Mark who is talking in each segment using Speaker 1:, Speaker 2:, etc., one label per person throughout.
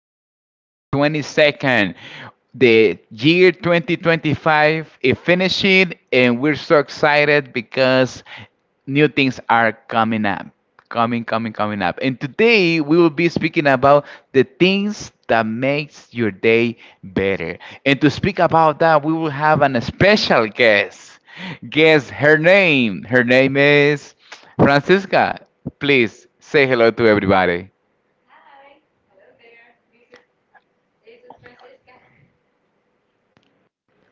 Speaker 1: December 22nd. The year 2025 is finishing, and we're so excited because new things are coming up. And today we will be speaking about the things that makes your day better. And to speak about that, we will have an special guest guess Her name is Francisca. Please say hello to everybody,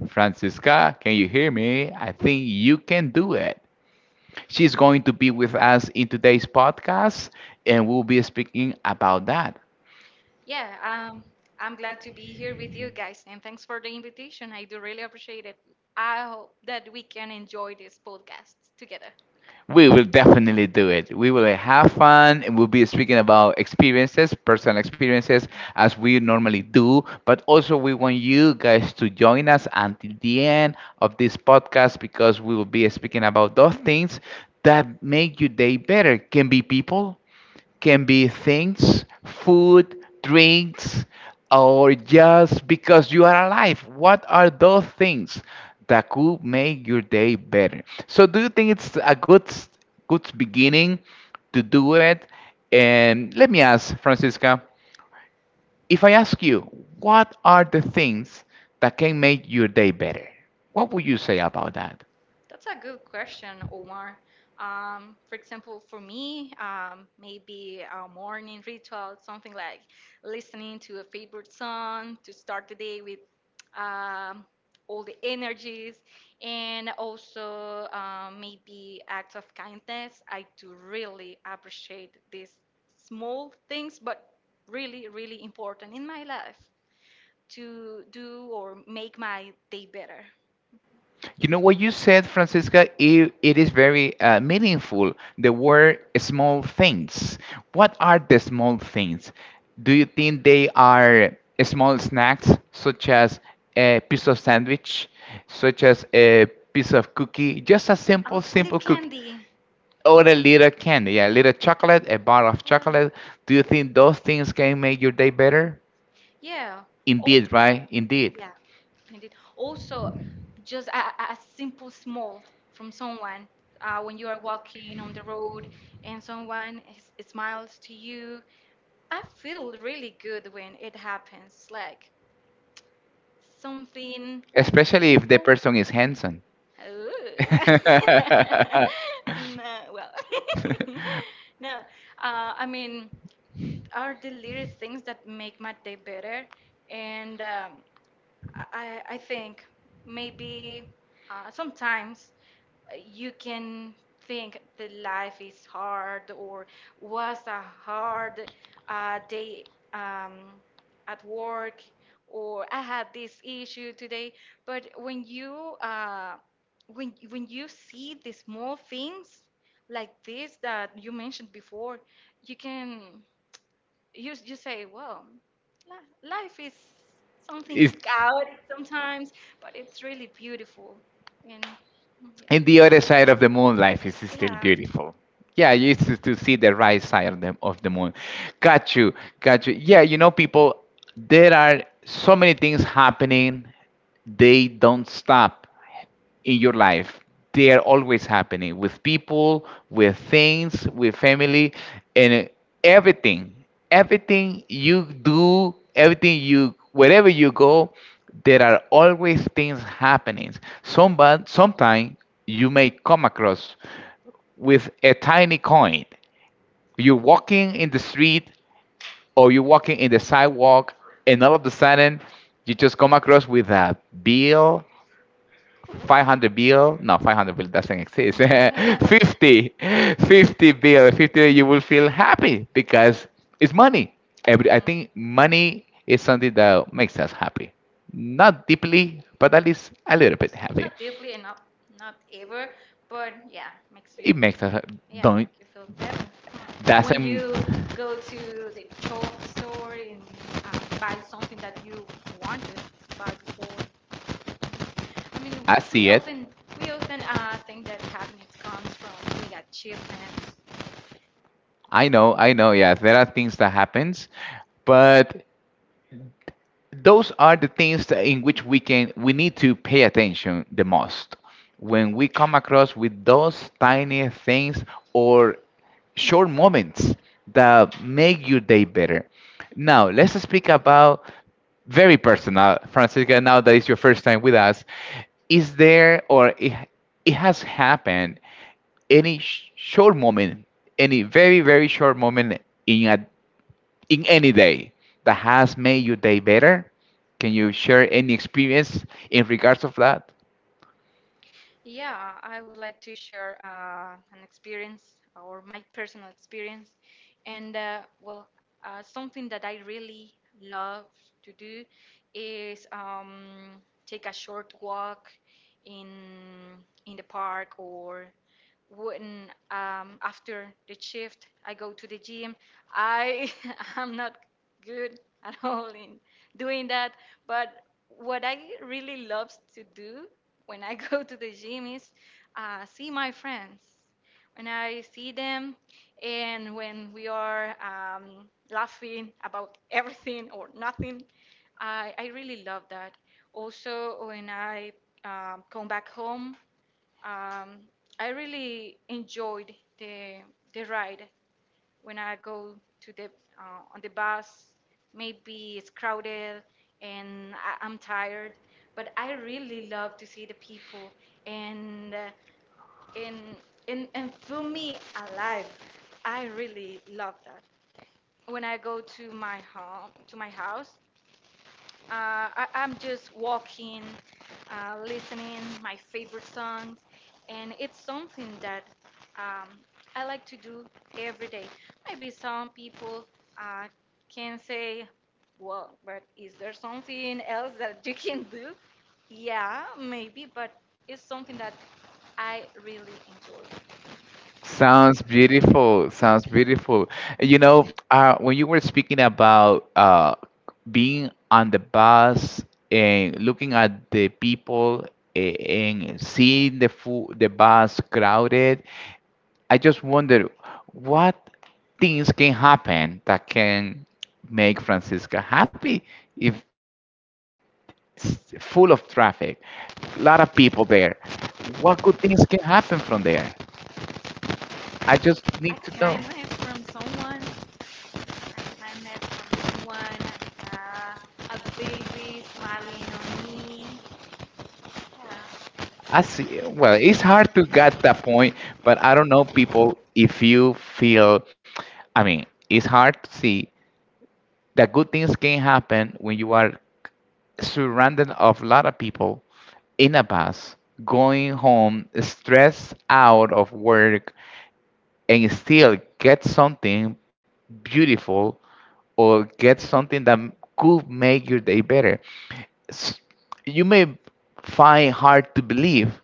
Speaker 1: Francisca. Can you hear me? I think you can do it. She's going to be with us in today's podcast, and we'll be speaking about that.
Speaker 2: Yeah, I'm glad to be here with you guys, and thanks for the invitation. I do really appreciate it. I hope that we can enjoy this podcast together.
Speaker 1: We will definitely do it. We will have fun, and we'll be speaking about experiences, personal experiences, as we normally do. But also, we want you guys to join us until the end of this podcast because we will be speaking about those things that make your day better. Can be people, can be things, food, drinks, or just because you are alive. What are those things that could make your day better? So, do you think it's a good good beginning to do it? And let me ask, Francisca, if I ask you, what are the things that can make your day better? What would you say about that?
Speaker 2: That's a good question, Omar. For example, for me, maybe a morning ritual, something like listening to a favorite song to start the day with um, all the energies, and also maybe acts of kindness. I do really appreciate these small things, but really, really important in my life to do or make my day better.
Speaker 1: You know what you said, Francisca? It is very meaningful. The word small things. What are the small things? Do you think they are small snacks, such as a piece of sandwich, such as a piece of cookie, just a
Speaker 2: A,
Speaker 1: simple,
Speaker 2: a little
Speaker 1: simple cookie,
Speaker 2: candy.
Speaker 1: or a little candy, a little chocolate, a bar of chocolate? Do you think those things can make your day better?
Speaker 2: Yeah. Yeah. Oh,
Speaker 1: Indeed, right? Indeed.
Speaker 2: yeah, indeed. Also, just a simple smile from someone when you are walking on the road and someone smiles to you. I feel really good when it happens. Like, something
Speaker 1: Especially if the
Speaker 2: simple.
Speaker 1: person is handsome.
Speaker 2: Oh. No, well, no. I mean, are the little things that make my day better, and I, I I think maybe sometimes you can think that life is hard or was a hard day um, at work or I had this issue today. But when you see the small things like this that you mentioned before, you can you you say, well, life is something
Speaker 1: It's-
Speaker 2: chaotic sometimes, but it's really beautiful and yeah.
Speaker 1: and the other side of the moon, life is still
Speaker 2: Yeah.
Speaker 1: beautiful. Yeah,
Speaker 2: Yeah.
Speaker 1: you used to see the right side of the moon. Got you, got you. Yeah, you know, people, there are so many things happening. They don't stop in your life. They are always happening, with people, with things, with family, and everything. Everything you do, everything you wherever you go, there are always things happening. Somebody sometime, you may come across with a tiny coin. You're walking in the street, or you're walking in the sidewalk, and all of a sudden you just come across with a bill, 500 bill. No, 500 bill doesn't exist. 50, 50 bill, 50, you will feel happy because it's money. Every, I
Speaker 2: Mhm.
Speaker 1: think money is something that makes us happy, not deeply, but at least a little bit happy.
Speaker 2: Not deeply enough, not ever, but yeah, makes you
Speaker 1: It makes us
Speaker 2: yeah,
Speaker 1: don't
Speaker 2: make you feel better when
Speaker 1: doesn't,
Speaker 2: you go to the shop store and buy something that you wanted to buy before. I mean,
Speaker 1: I
Speaker 2: we
Speaker 1: see it.
Speaker 2: often we often think that happiness comes from we got achievements.
Speaker 1: I know, I know. Yeah, there are things that happens, but those are the things that in which we need to pay attention the most, when we come across with those tiny things or short moments that make your day better. Now let's speak about very personal, Francisca. Now that is your first time with us, is there, or it has happened any short moment, any very very short moment in a, in any day that has made your day better? Can you share any experience in regards of that?
Speaker 2: Yeah, I would like to share an experience or my personal experience. And well, something that I really love to do is take a short walk in the park or when after the shift I go to the gym. I am not good at all in doing that, but what I really love to do when I go to the gym is see my friends. When I see them, and when we are laughing about everything or nothing, I really love that. Also, when I come back home, um, I really enjoyed the the ride when I go to the on the bus. Maybe it's crowded and I'm tired, but I really love to see the people and uh, and and feel me alive. I really love that. When I go to my house, I'm just walking, listening my favorite songs, and it's something that um, I like to do every day. Maybe some people uh, can say, "Well, but is there something else that you can do?" Yeah, maybe, but it's something that I really enjoy.
Speaker 1: Sounds beautiful. Sounds beautiful. You know, when you were speaking about being on the bus and looking at the people, and seeing the the bus crowded, I just wonder what things can happen that can make Francisca happy. If it's full of traffic, a lot of people there, what good things can happen from there? I just need
Speaker 2: I
Speaker 1: to know.
Speaker 2: kindness from someone, I kindness from someone, uh, a baby smiling on me. Yeah.
Speaker 1: I see. Well, it's hard to get that point, but I don't know, people, if you feel, I mean, it's hard to see that good things can happen when you are surrounded of a lot of people in a bus, going home, stressed out of work, and still get something beautiful or get something that could make your day better. S- you may find hard to believe,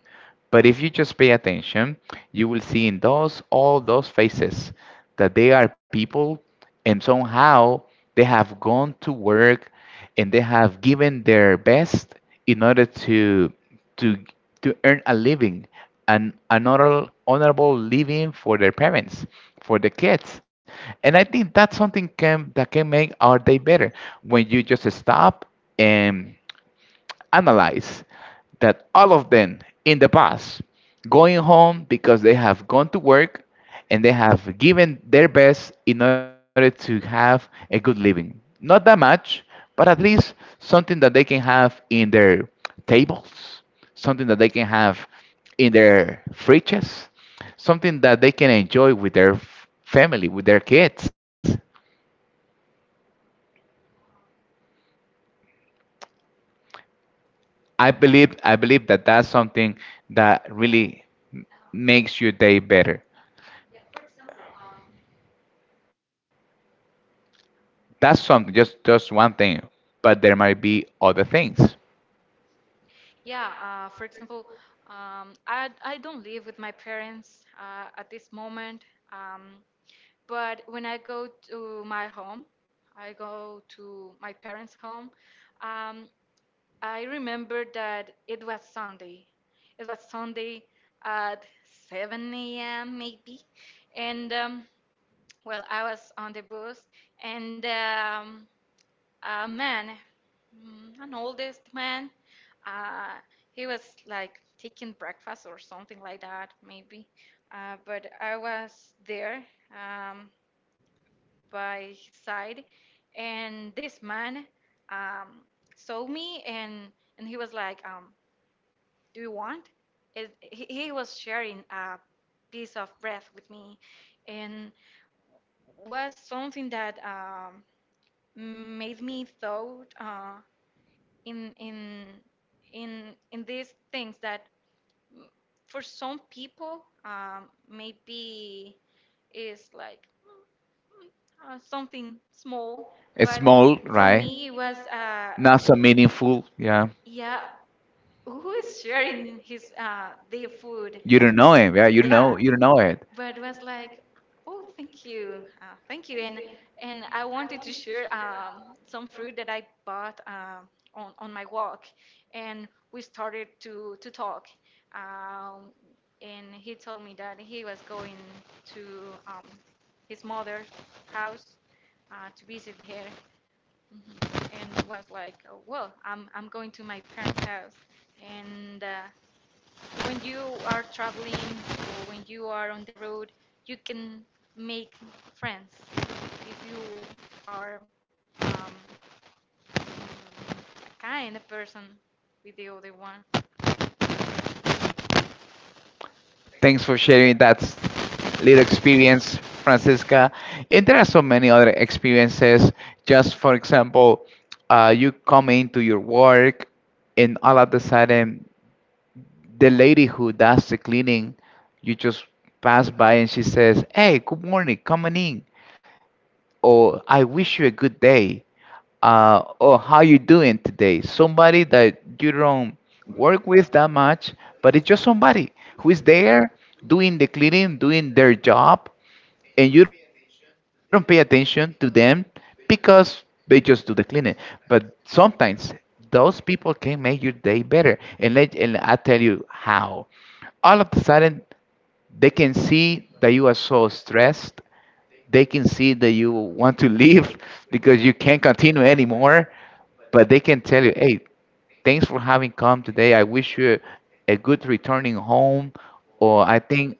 Speaker 1: but if you just pay attention, you will see in those all those faces that they are people, and somehow they have gone to work and they have given their best in order to to earn a living, an honorable living for their parents, for the kids. And I think that's something can that can make our day better, when you just stop and analyze that all of them in the past going home because they have gone to work and they have given their best in order to have a good living. Not that much, but at least something that they can have in their tables, something that they can have in their fridges, something that they can enjoy with their family, with their kids. I believe that that's something that really m- makes your day better. That's something, just one thing, but there might be other things.
Speaker 2: Yeah. For example, I don't live with my parents at this moment. Um, but when I go to my home, I go to my parents' home. Um, I remember that it was Sunday. It was Sunday at 7 a.m. maybe, and well, I was on the bus and. A man, an oldest man. Uh, he was like taking breakfast or something like that, maybe. But I was there um, by his side, and this man um, saw me, and he was like, "Do you want?" He was sharing a piece of bread with me, and was something that made me thought. In in in these things that for some people maybe is like, Something small."
Speaker 1: It's
Speaker 2: But
Speaker 1: small,
Speaker 2: for
Speaker 1: right?
Speaker 2: me it was
Speaker 1: Not so meaningful, yeah.
Speaker 2: yeah, who is sharing his the food?
Speaker 1: You don't know him, yeah.
Speaker 2: Yeah,
Speaker 1: You don't know it.
Speaker 2: but was like, "Oh, thank you, thank you," and I wanted to share some fruit that I bought on my walk, and we started to talk, um, and he told me that he was going to um his mother's house to visit her. Mhm. And was like, "Oh, well, I'm going to my parents' house." And when you are traveling or when you are on the road, you can make friends if you are um, a kind person with the other one.
Speaker 1: Thanks for sharing that little experience, Francisca. And there are so many other experiences. Just for example, you come into your work, and all of a sudden the lady who does the cleaning, you just pass by and she says, "Hey, good morning, come on in," or "I wish you a good day," or "How you doing today?" Somebody that you don't work with that much, but it's just somebody who is there doing the cleaning, doing their job, and you don't pay attention to them because they just do the cleaning. But sometimes those people can make your day better, and let and I tell you how. All of a sudden, they can see that you are so stressed. They can see that you want to leave because you can't continue anymore. But they can tell you, hey, thanks for having come today. I wish you a good returning home, or I think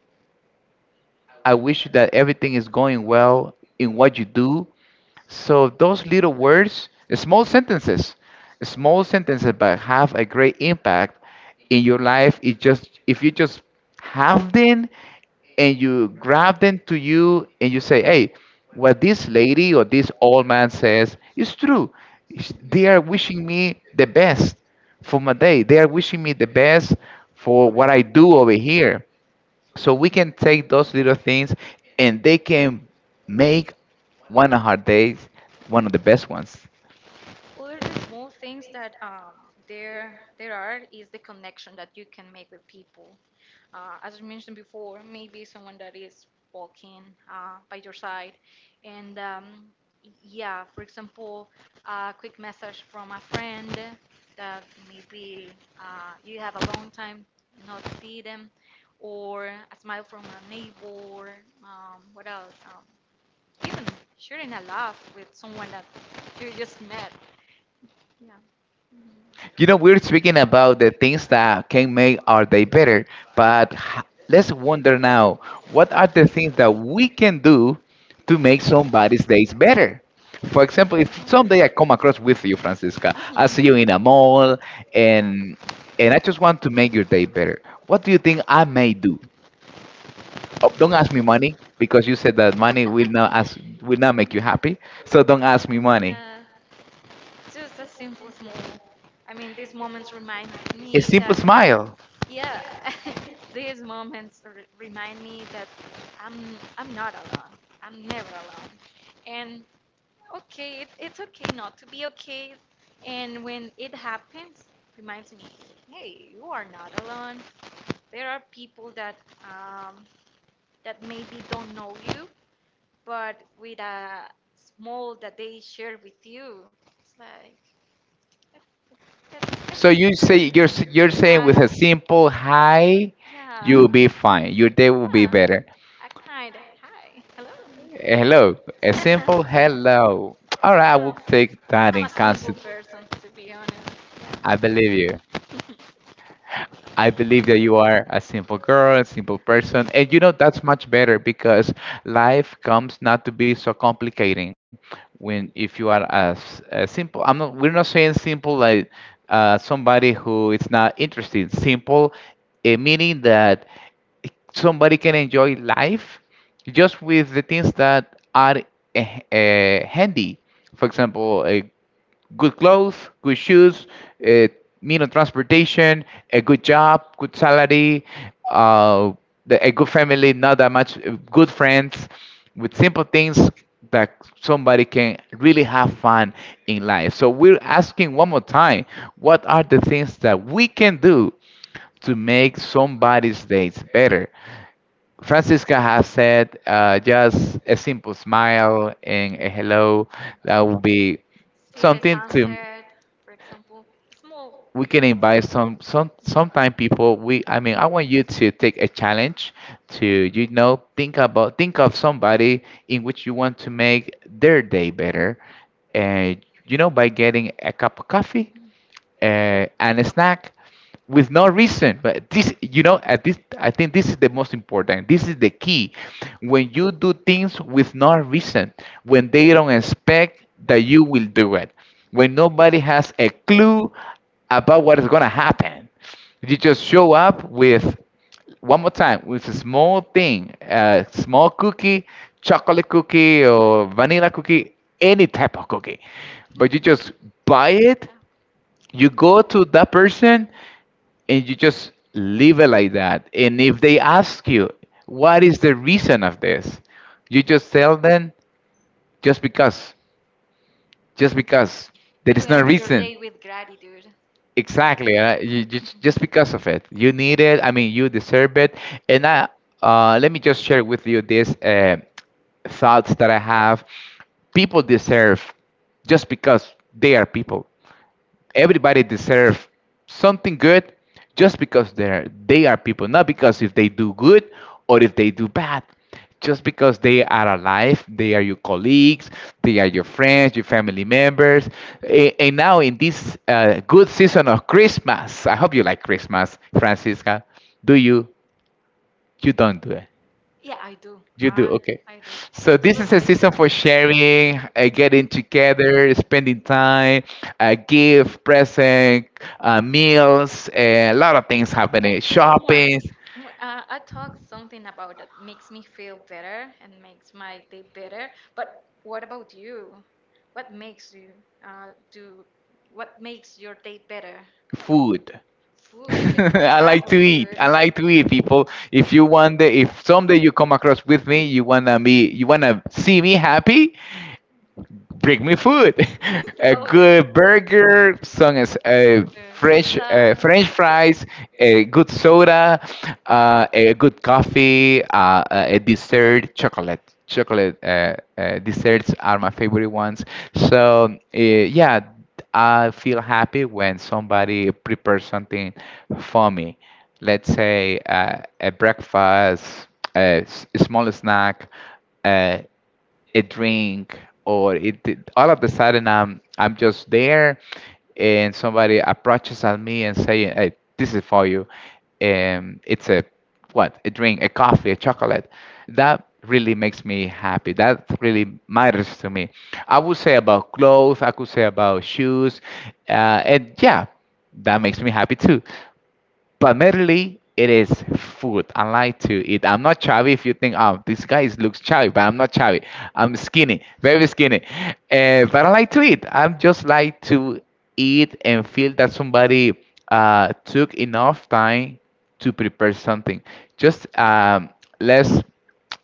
Speaker 1: I wish you that everything is going well in what you do. So those little words, small sentences, small sentences, but have a great impact in your life. It just if you just have them and you grab them to you and you say, hey, what this lady or this old man says is true. They
Speaker 2: Mhm.
Speaker 1: are wishing me the best for my day. They are wishing me the best for what I do over here. So we can take those little things, and they can make one of our days one of the best ones.
Speaker 2: Other the small things that there are is the connection that you can make with people. As I mentioned before, maybe someone that is walking by your side. And yeah, for example, a quick message from a friend that maybe you have a long time not see them, or a smile from a neighbor. What else? Even sharing a laugh with someone that you just met. Yeah. hmm
Speaker 1: You know, we're speaking about the things that can make our day better, but let's wonder now, what are the things that we can do to make somebody's days better? For example, if someday I come across with you, Francisca, I
Speaker 2: Yeah,
Speaker 1: see you in a mall, and and I just want to make your day better. What do you think I may do?
Speaker 2: that's
Speaker 1: Oh, don't ask
Speaker 2: beautiful.
Speaker 1: me money because you said that money will not ask, will not make you
Speaker 2: Yeah.
Speaker 1: happy. So don't ask me money.
Speaker 2: Yeah. Just a simple small. I mean, these moments remind
Speaker 1: A
Speaker 2: me
Speaker 1: simple
Speaker 2: that
Speaker 1: smile.
Speaker 2: yeah, remind me that I'm I'm not alone. I'm never alone. And okay, it's okay not to be okay. And when it happens, reminds me, hey, you are not alone. There are people um, that maybe don't know you, but with a small that they share with you, it's like. That's
Speaker 1: So
Speaker 2: that's
Speaker 1: you say
Speaker 2: really
Speaker 1: you're you're saying with
Speaker 2: nice.
Speaker 1: a simple hi,
Speaker 2: Yeah.
Speaker 1: you'll be fine. Your day will be
Speaker 2: Yeah.
Speaker 1: better.
Speaker 2: I kind of hi.
Speaker 1: A
Speaker 2: Hello.
Speaker 1: hello, a
Speaker 2: Hello.
Speaker 1: simple hello. All right, I
Speaker 2: Yeah.
Speaker 1: will take that
Speaker 2: I'm
Speaker 1: in
Speaker 2: a simple
Speaker 1: concept.
Speaker 2: person to be honest.
Speaker 1: I believe you. I believe that you are a simple girl, a simple person. And you know, that's much better because life comes not to be so complicating when if you are as simple. I'm not, we're not saying simple like somebody who is not interested. Simple, eh, meaning that somebody can enjoy life just with the things that are uh, handy. For example, a good clothes, good shoes, uh, mean on transportation, a good job, good salary, uh, the, a good family, not that much, good friends, with simple things that somebody can really have fun in life. So we're asking one more time, what are the things that we can do to make somebody's days better? Francisca has said just a simple smile and a hello. That
Speaker 2: Yeah.
Speaker 1: would be
Speaker 2: See the
Speaker 1: something to
Speaker 2: sunset, for example. Small
Speaker 1: we can
Speaker 2: things.
Speaker 1: invite sometime people, we, I mean, I want you to take a challenge to, you know, think about think of somebody in which you want to make their day better, and you know, by getting a cup of
Speaker 2: Mhm.
Speaker 1: coffee
Speaker 2: Mhm. Mhm.
Speaker 1: and a snack with no reason. But this, you know, at this, I think this is the most important, this is the key, when you do things with no reason, when they don't expect that you will do it, when nobody has a clue about what is going to happen, you just show up with one more time with a small thing, a small cookie, chocolate cookie or vanilla cookie, any type of cookie, but you just buy it,
Speaker 2: Yeah.
Speaker 1: you go to that person and you just leave it like that. And if they ask you, what is the reason of this? You just tell them, just because, just because. There
Speaker 2: You
Speaker 1: is no
Speaker 2: end your
Speaker 1: reason.
Speaker 2: day with gratitude.
Speaker 1: Exactly. You, just
Speaker 2: Mhm.
Speaker 1: because of it. You need it. I mean, you deserve it. And let me just share with you this thoughts that I have. People deserve just because they are people. Everybody deserve something good just because they are people, not because if they do good or if they do bad, just because they are alive, they are your colleagues, they are your friends, your family members. And now in this good season of Christmas. I hope you like Christmas, Francisca. Do you don't? Do
Speaker 2: Yeah, I do.
Speaker 1: you? Do.
Speaker 2: I
Speaker 1: Okay.
Speaker 2: I do.
Speaker 1: So this is a
Speaker 2: Absolutely.
Speaker 1: season for sharing, getting together, spending time, gift, present, meals, a lot of things happening.
Speaker 2: But Omar,
Speaker 1: Shopping,
Speaker 2: I talked something about that makes me feel better and makes my day better. But what about you? What makes you do? What makes your day better?
Speaker 1: food.
Speaker 2: Food. What
Speaker 1: I like
Speaker 2: type of
Speaker 1: to eat.
Speaker 2: food?
Speaker 1: I like to eat, people. If someday you come across with me, you wanna see me happy. Bring me food. A
Speaker 2: Oh, okay.
Speaker 1: good burger, some as
Speaker 2: Burger,
Speaker 1: fresh
Speaker 2: pizza,
Speaker 1: french fries, a good soda, a good coffee, a dessert. Chocolate desserts are my favorite ones. So yeah, I feel happy when somebody prepares something for me. Let's say a breakfast, a small snack, uh, a drink. All of the sudden I'm just there, and somebody approaches at me and saying, "Hey, this is for you." It's a what? A drink, a coffee, a chocolate. That really makes me happy. That really matters to me. I would say about clothes. I could say about shoes. And yeah, that makes me happy too. But primarily it is food. I like to eat. I'm not chubby. If you think, oh, this guy is, looks chubby, but I'm not chubby. I'm skinny, very skinny. But I like to eat. I just like to eat and feel that somebody took enough time to prepare something. Just let's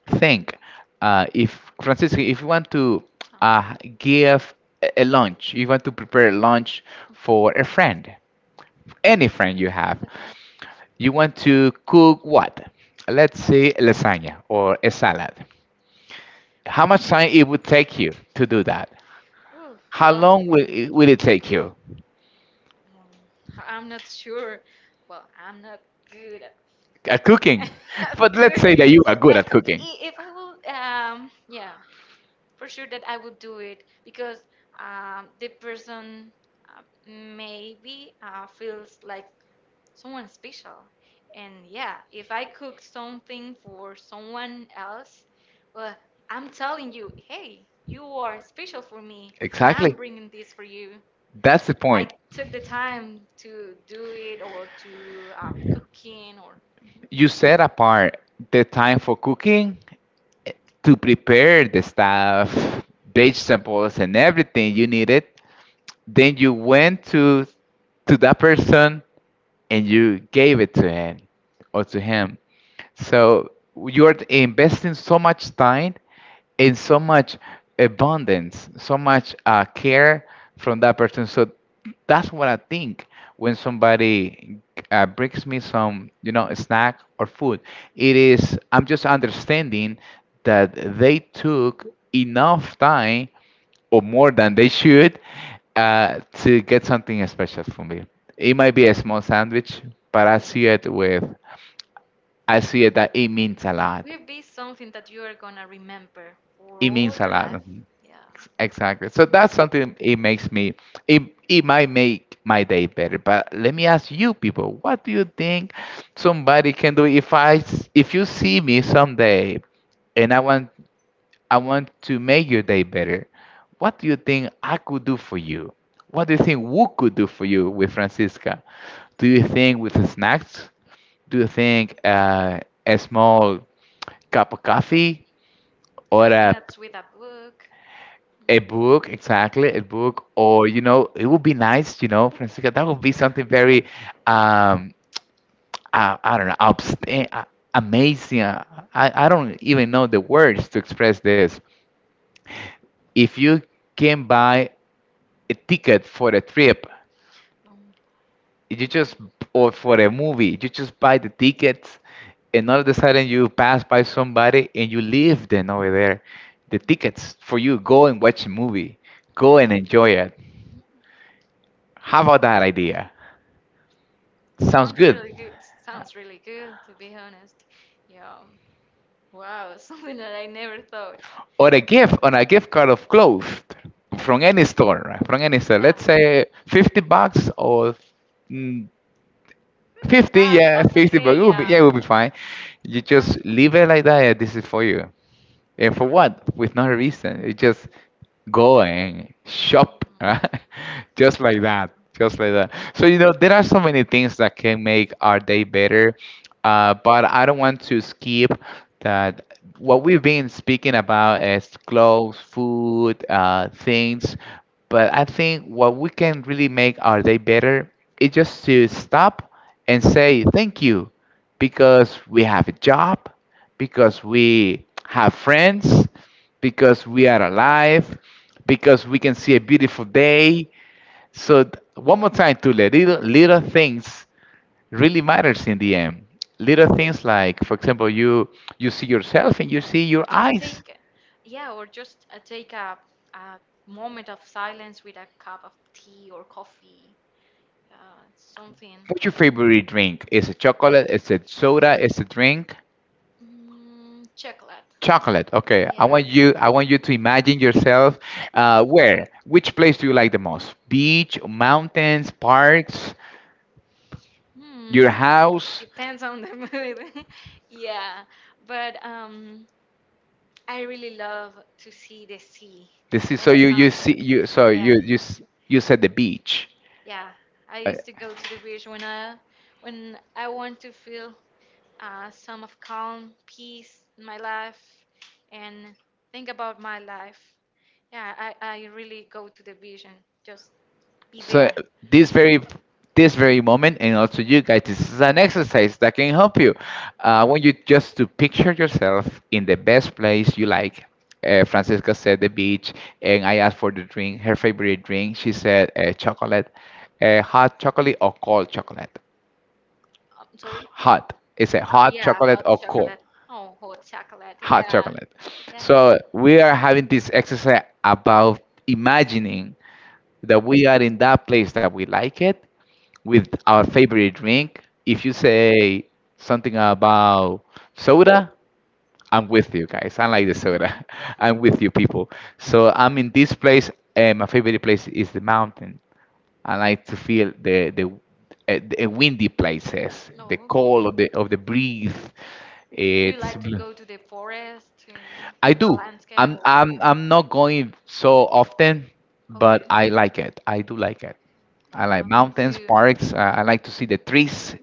Speaker 1: think. If Francisco, if you want to
Speaker 2: some.
Speaker 1: give a lunch, you want to prepare lunch
Speaker 2: Okay.
Speaker 1: for a friend, any friend you have.
Speaker 2: Okay.
Speaker 1: You want to cook what? Let's say lasagna or a salad. How
Speaker 2: Oh.
Speaker 1: much time it would take you to do that?
Speaker 2: Ooh,
Speaker 1: How
Speaker 2: well,
Speaker 1: long will it take you?
Speaker 2: um, I'm not sure. Well, I'm not good at,
Speaker 1: At cooking.
Speaker 2: at
Speaker 1: But let's say that
Speaker 2: cooking,
Speaker 1: you are good
Speaker 2: but
Speaker 1: at cooking.
Speaker 2: if I will, yeah, for sure that I would do it because the person uh, maybe feels like someone special. And yeah, if I cook something for someone else, well, I'm telling you, hey, you are special for me, and
Speaker 1: Exactly.
Speaker 2: I'm bringing this for you.
Speaker 1: That's the
Speaker 2: I
Speaker 1: point.
Speaker 2: took the time to do it or to cooking or. Mhm.
Speaker 1: You set apart the time for cooking, eh, to prepare the stuff, vegetables, and everything you needed. Then you went to that person and you gave it to him or to him. So you're investing so much time and so much abundance, so much care from that person. So that's what I think when somebody brings me some snack or food. It is, I'm just understanding that they took enough time or more than they should to get something special for me. It might be a small sandwich, but I see it that it means a lot.
Speaker 2: Will be something that you are gonna remember for
Speaker 1: It
Speaker 2: all
Speaker 1: means a
Speaker 2: your
Speaker 1: lot.
Speaker 2: life.
Speaker 1: Mhm.
Speaker 2: Yeah,
Speaker 1: Exactly. So that's something, it might make my day better. But let me ask you, people, what do you think somebody can do if if you see me someday and I want to make your day better. What do you think I could do for you? What do you think we could do for you with Francisca? Do you think with snacks? Do you think a small cup of coffee or
Speaker 2: five
Speaker 1: a,
Speaker 2: minutes with a book.
Speaker 1: a
Speaker 2: Mhm.
Speaker 1: book? Exactly, a book. Or, it would be nice, Francisca, that would be something very, um, I don't know, abstain, amazing. I don't even know the words to express this. If you came by a ticket for a trip,
Speaker 2: Um,
Speaker 1: you just or for a movie, you just buy the tickets. And all of a sudden you pass by somebody and you leave them over there, the
Speaker 2: Mhm.
Speaker 1: tickets, for you go and watch a movie, go and enjoy it.
Speaker 2: Mm,
Speaker 1: How about that idea? Sounds
Speaker 2: Sounds
Speaker 1: good?
Speaker 2: really good. Sounds really good, to be honest. Yeah. Wow, something that I never thought.
Speaker 1: Or a gift on a gift card of clothes from
Speaker 2: Hmm.
Speaker 1: any store, right? From any store,
Speaker 2: Yeah.
Speaker 1: let's say $50. Or mm,
Speaker 2: The
Speaker 1: 50,
Speaker 2: bags,
Speaker 1: yeah,
Speaker 2: that's
Speaker 1: 50
Speaker 2: okay.
Speaker 1: bucks it will
Speaker 2: Yeah.
Speaker 1: be. Yeah, it will be fine. You
Speaker 2: Yeah.
Speaker 1: just leave it like that. Yeah, this is for you. And for what? With no reason. It just go and shop, right? Just like
Speaker 2: Mhm.
Speaker 1: that, just like that. So there are so many things that can make our day better, but I don't want to skip that. What we've been speaking about is clothes, food, things, but I think what we can really make our day better is just to stop and say thank you, because we have a job, because we have friends, because we are alive, because we can see a beautiful day. So one more time, Tule, little, little things really matters in the end. Little things like, for example, you
Speaker 2: Yeah.
Speaker 1: see yourself and you see
Speaker 2: or
Speaker 1: your
Speaker 2: just
Speaker 1: eyes.
Speaker 2: take yeah or just take a moment of silence with a cup of tea or coffee. yeah Something
Speaker 1: What's your favorite drink? Is it chocolate? Is it soda? Is it drink?
Speaker 2: chocolate.
Speaker 1: Chocolate. Okay.
Speaker 2: yeah
Speaker 1: I want you. I want you to imagine yourself. Where? Which place do you like the most? Beach, mountains, parks? Your
Speaker 2: hmm
Speaker 1: house?
Speaker 2: Depends on the mood. yeah but I really love to see the sea
Speaker 1: The sea? So
Speaker 2: and the sunset. Yeah.
Speaker 1: you said the beach.
Speaker 2: Yeah, I
Speaker 1: Uh,
Speaker 2: used to go to the beach when I want to feel some of calm, peace in my life, and think about my life. Yeah, I really go to the beach and just be
Speaker 1: so
Speaker 2: there.
Speaker 1: this very this very moment, and also you guys, this is an exercise that can help you. I want you just to picture yourself in the best place you like. Francesca said the beach, and I asked for the drink, her favorite drink. She said chocolate, hot chocolate or cold chocolate?
Speaker 2: I'm sorry.
Speaker 1: Hot?
Speaker 2: Oh,
Speaker 1: Is it hot
Speaker 2: yeah,
Speaker 1: chocolate
Speaker 2: hot
Speaker 1: or cold?
Speaker 2: chocolate. Oh, hot chocolate. Yeah,
Speaker 1: Hot chocolate.
Speaker 2: yeah.
Speaker 1: So we are having this exercise about imagining that we are in that place that we like it with our favorite drink. If you say something about soda, I'm with you guys. I like the soda. I'm with you people. So I'm in this place. And my favorite place is the mountain. I like to feel the windy places,
Speaker 2: Oh,
Speaker 1: the call
Speaker 2: okay.
Speaker 1: of the breeze.
Speaker 2: Do you
Speaker 1: It's
Speaker 2: like to
Speaker 1: bl-
Speaker 2: go to the forest to,
Speaker 1: I
Speaker 2: the
Speaker 1: do.
Speaker 2: landscape
Speaker 1: I'm
Speaker 2: or
Speaker 1: I'm
Speaker 2: something?
Speaker 1: I'm not going so often, but
Speaker 2: Okay.
Speaker 1: I like it. I do like it. I like
Speaker 2: Yeah, me
Speaker 1: mountains,
Speaker 2: too.
Speaker 1: parks. I like to see the trees,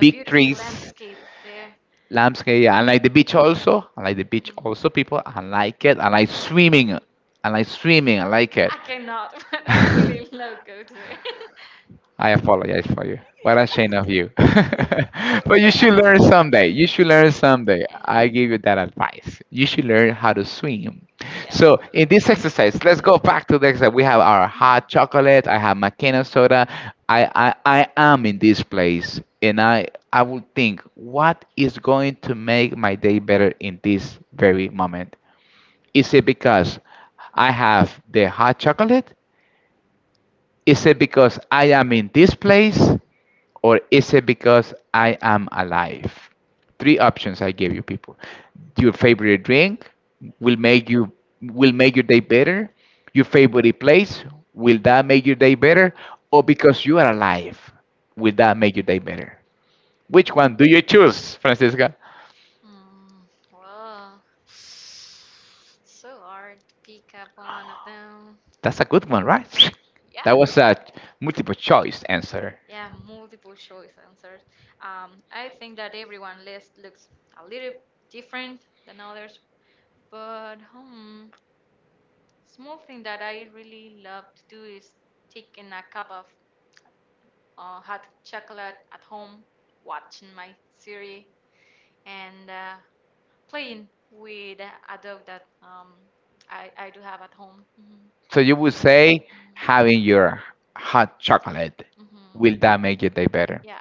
Speaker 2: The beautiful
Speaker 1: trees,
Speaker 2: landscape there.
Speaker 1: landscape. Yeah, I like the beach also. I like the beach
Speaker 2: Mhm.
Speaker 1: also, people. I like it. I like swimming. I like swimming. I like it.
Speaker 2: I cannot, but I really love go to there.
Speaker 1: I apologize for you. What
Speaker 2: Yeah.
Speaker 1: a shame of you.
Speaker 2: Oh,
Speaker 1: But you should learn someday. You should learn someday. I give you that advice. You should learn how to swim. So in
Speaker 2: yeah.
Speaker 1: this
Speaker 2: I
Speaker 1: exercise, let's
Speaker 2: take it.
Speaker 1: go back to the exercise. We have our hot
Speaker 2: Mhm.
Speaker 1: chocolate. I have McKenna soda. I am in this place, and I will think, what is going to make my day better in this very moment? Is it because I have the hot chocolate? Is it because I am in this place? Or is it because I am alive? Three options I give you, people. Your favorite drink, will make you will make your day better? Your favorite place, will that make your day better? Or because you are alive, will that make your day better? Which one do you choose, Francisca?
Speaker 2: Mm, well, so hard to pick up one of them.
Speaker 1: That's a good one, right?
Speaker 2: Yeah,
Speaker 1: That was a multiple choice answer.
Speaker 2: yeah, multiple choice answers. I think that everyone list looks a little different than others, but small thing that I really love to do is taking a cup of hot chocolate at home, watching my series, and playing with a dog that I do have at home.
Speaker 1: So you would say having
Speaker 2: Hmm
Speaker 1: your hot chocolate,
Speaker 2: hmm
Speaker 1: will that make your day better?
Speaker 2: Yeah,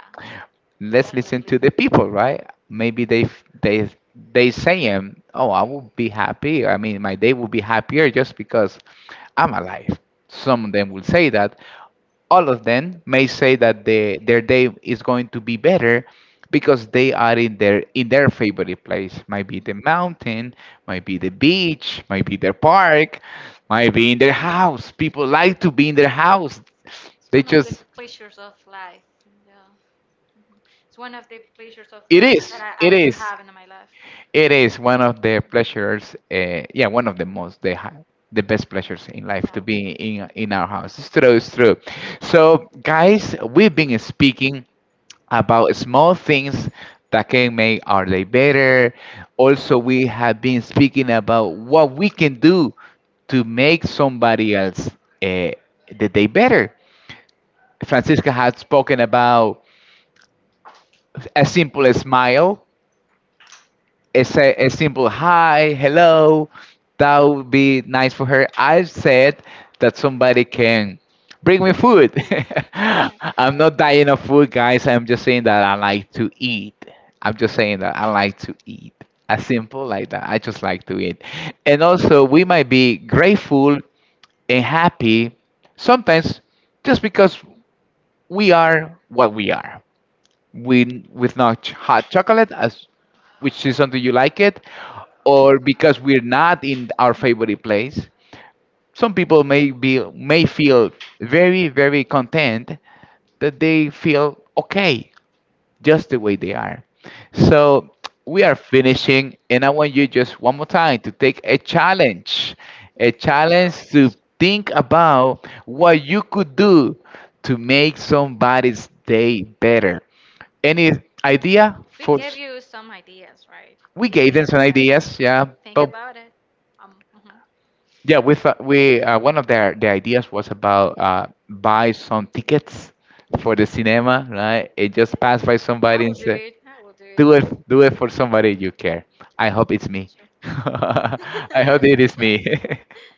Speaker 1: Let's listen
Speaker 2: definitely.
Speaker 1: to the
Speaker 2: Mhm.
Speaker 1: people, right? Maybe they f- they saying, "Oh, I will be happy. I mean, my day will be happier just because I'm alive." Some of them will say that. All of them may say that their day is going to be better because they are in their favorite place. Might be the mountain, might be the beach, might be their park, might be in their house. People like to be in their house.
Speaker 2: It's
Speaker 1: They
Speaker 2: one of the
Speaker 1: just,
Speaker 2: pleasures of life. Yeah. Mhm. It's one of the pleasures of
Speaker 1: it
Speaker 2: life that
Speaker 1: is
Speaker 2: I,
Speaker 1: it
Speaker 2: I do
Speaker 1: is
Speaker 2: have in my life.
Speaker 1: it is one of
Speaker 2: Mhm.
Speaker 1: the pleasures. Yeah, one of the most the have the best pleasures in life, to be in our house. It's true. It's true. So guys, we've been speaking about small things that can make our day better. Also, we have been speaking about what we can do to make somebody else uh, the day better. Francisca had spoken about a simple smile, a simple hi, hello, that would be nice for her. I said that somebody can bring me food.
Speaker 2: Yeah.
Speaker 1: I'm not dying of food, guys. I'm just saying that I like to eat. I'm just saying that I like to eat. As simple like that. I just like to eat. And also, we might be grateful and happy sometimes just because we are what we are, with not ch- hot chocolate, as which is something you like it, or because we're not in our favorite place. Some people may feel very, very content, that they feel okay just the way they are. So we are finishing, and I want you just one more time to take a challenge
Speaker 2: So
Speaker 1: to think about what you could do to make somebody's day better. Any idea
Speaker 2: we
Speaker 1: for?
Speaker 2: gave you some ideas, right?
Speaker 1: We
Speaker 2: We
Speaker 1: gave them
Speaker 2: gave
Speaker 1: some
Speaker 2: you guys.
Speaker 1: ideas, yeah,
Speaker 2: Think
Speaker 1: but
Speaker 2: about it. Mhm.
Speaker 1: yeah, we thought we one of the ideas was about buy some tickets for the cinema, right? It
Speaker 2: Yeah,
Speaker 1: just passed by
Speaker 2: I
Speaker 1: somebody
Speaker 2: will
Speaker 1: and
Speaker 2: do
Speaker 1: said,
Speaker 2: it. I will do it.
Speaker 1: do it, do it for somebody you care.
Speaker 2: Yeah,
Speaker 1: I hope it's me.
Speaker 2: sure.
Speaker 1: I hope it is me.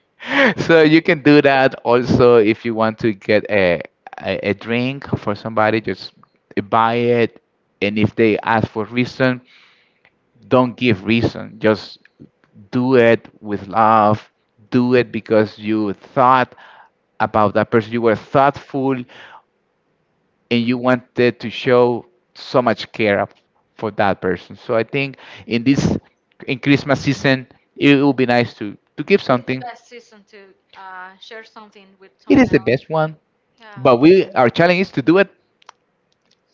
Speaker 1: So you can do that also. If you want to get a drink for somebody, just buy it. And if they ask for reason, don't give reason. Just do it with love. Do it because you thought about that person. You were thoughtful and you wanted to show so much care up for that person. So I think in this in Christmas season, it will be nice to give
Speaker 2: It's the
Speaker 1: something.
Speaker 2: best season to share something with
Speaker 1: It
Speaker 2: someone
Speaker 1: is the
Speaker 2: else.
Speaker 1: best one,
Speaker 2: Yeah,
Speaker 1: but we our challenge is to do it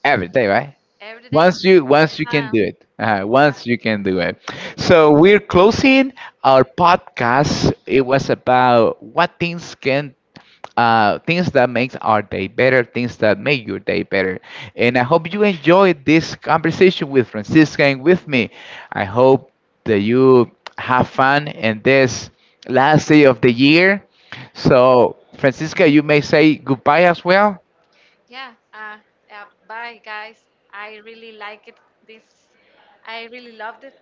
Speaker 1: every day, right?
Speaker 2: every day,
Speaker 1: Once you can
Speaker 2: anytime.
Speaker 1: do it,
Speaker 2: Yeah.
Speaker 1: once you can do it. So we're closing our podcast. It was about what things can things that makes our day better, things that make your day better. And I hope you enjoyed this conversation with Francisca and with me. I hope that you have fun in this last day of the year. So, Francisca, you may say goodbye as well.
Speaker 2: Yeah, bye guys. I really like it. This, I really loved it.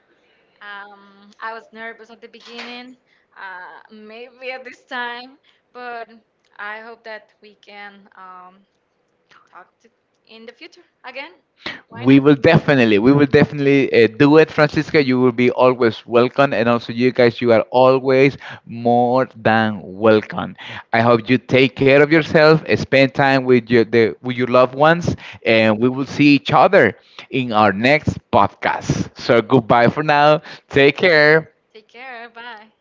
Speaker 2: I was nervous at the beginning, maybe at this time, but I hope that we can talk to in the future again. Why not?
Speaker 1: We will definitely do it, Francisca. You will be always welcome, and also you guys, you are always more than welcome. I hope you take care of yourself, spend time with with your loved ones, and we will see each other in our next podcast. So goodbye for now. Take care.
Speaker 2: Take care. Bye.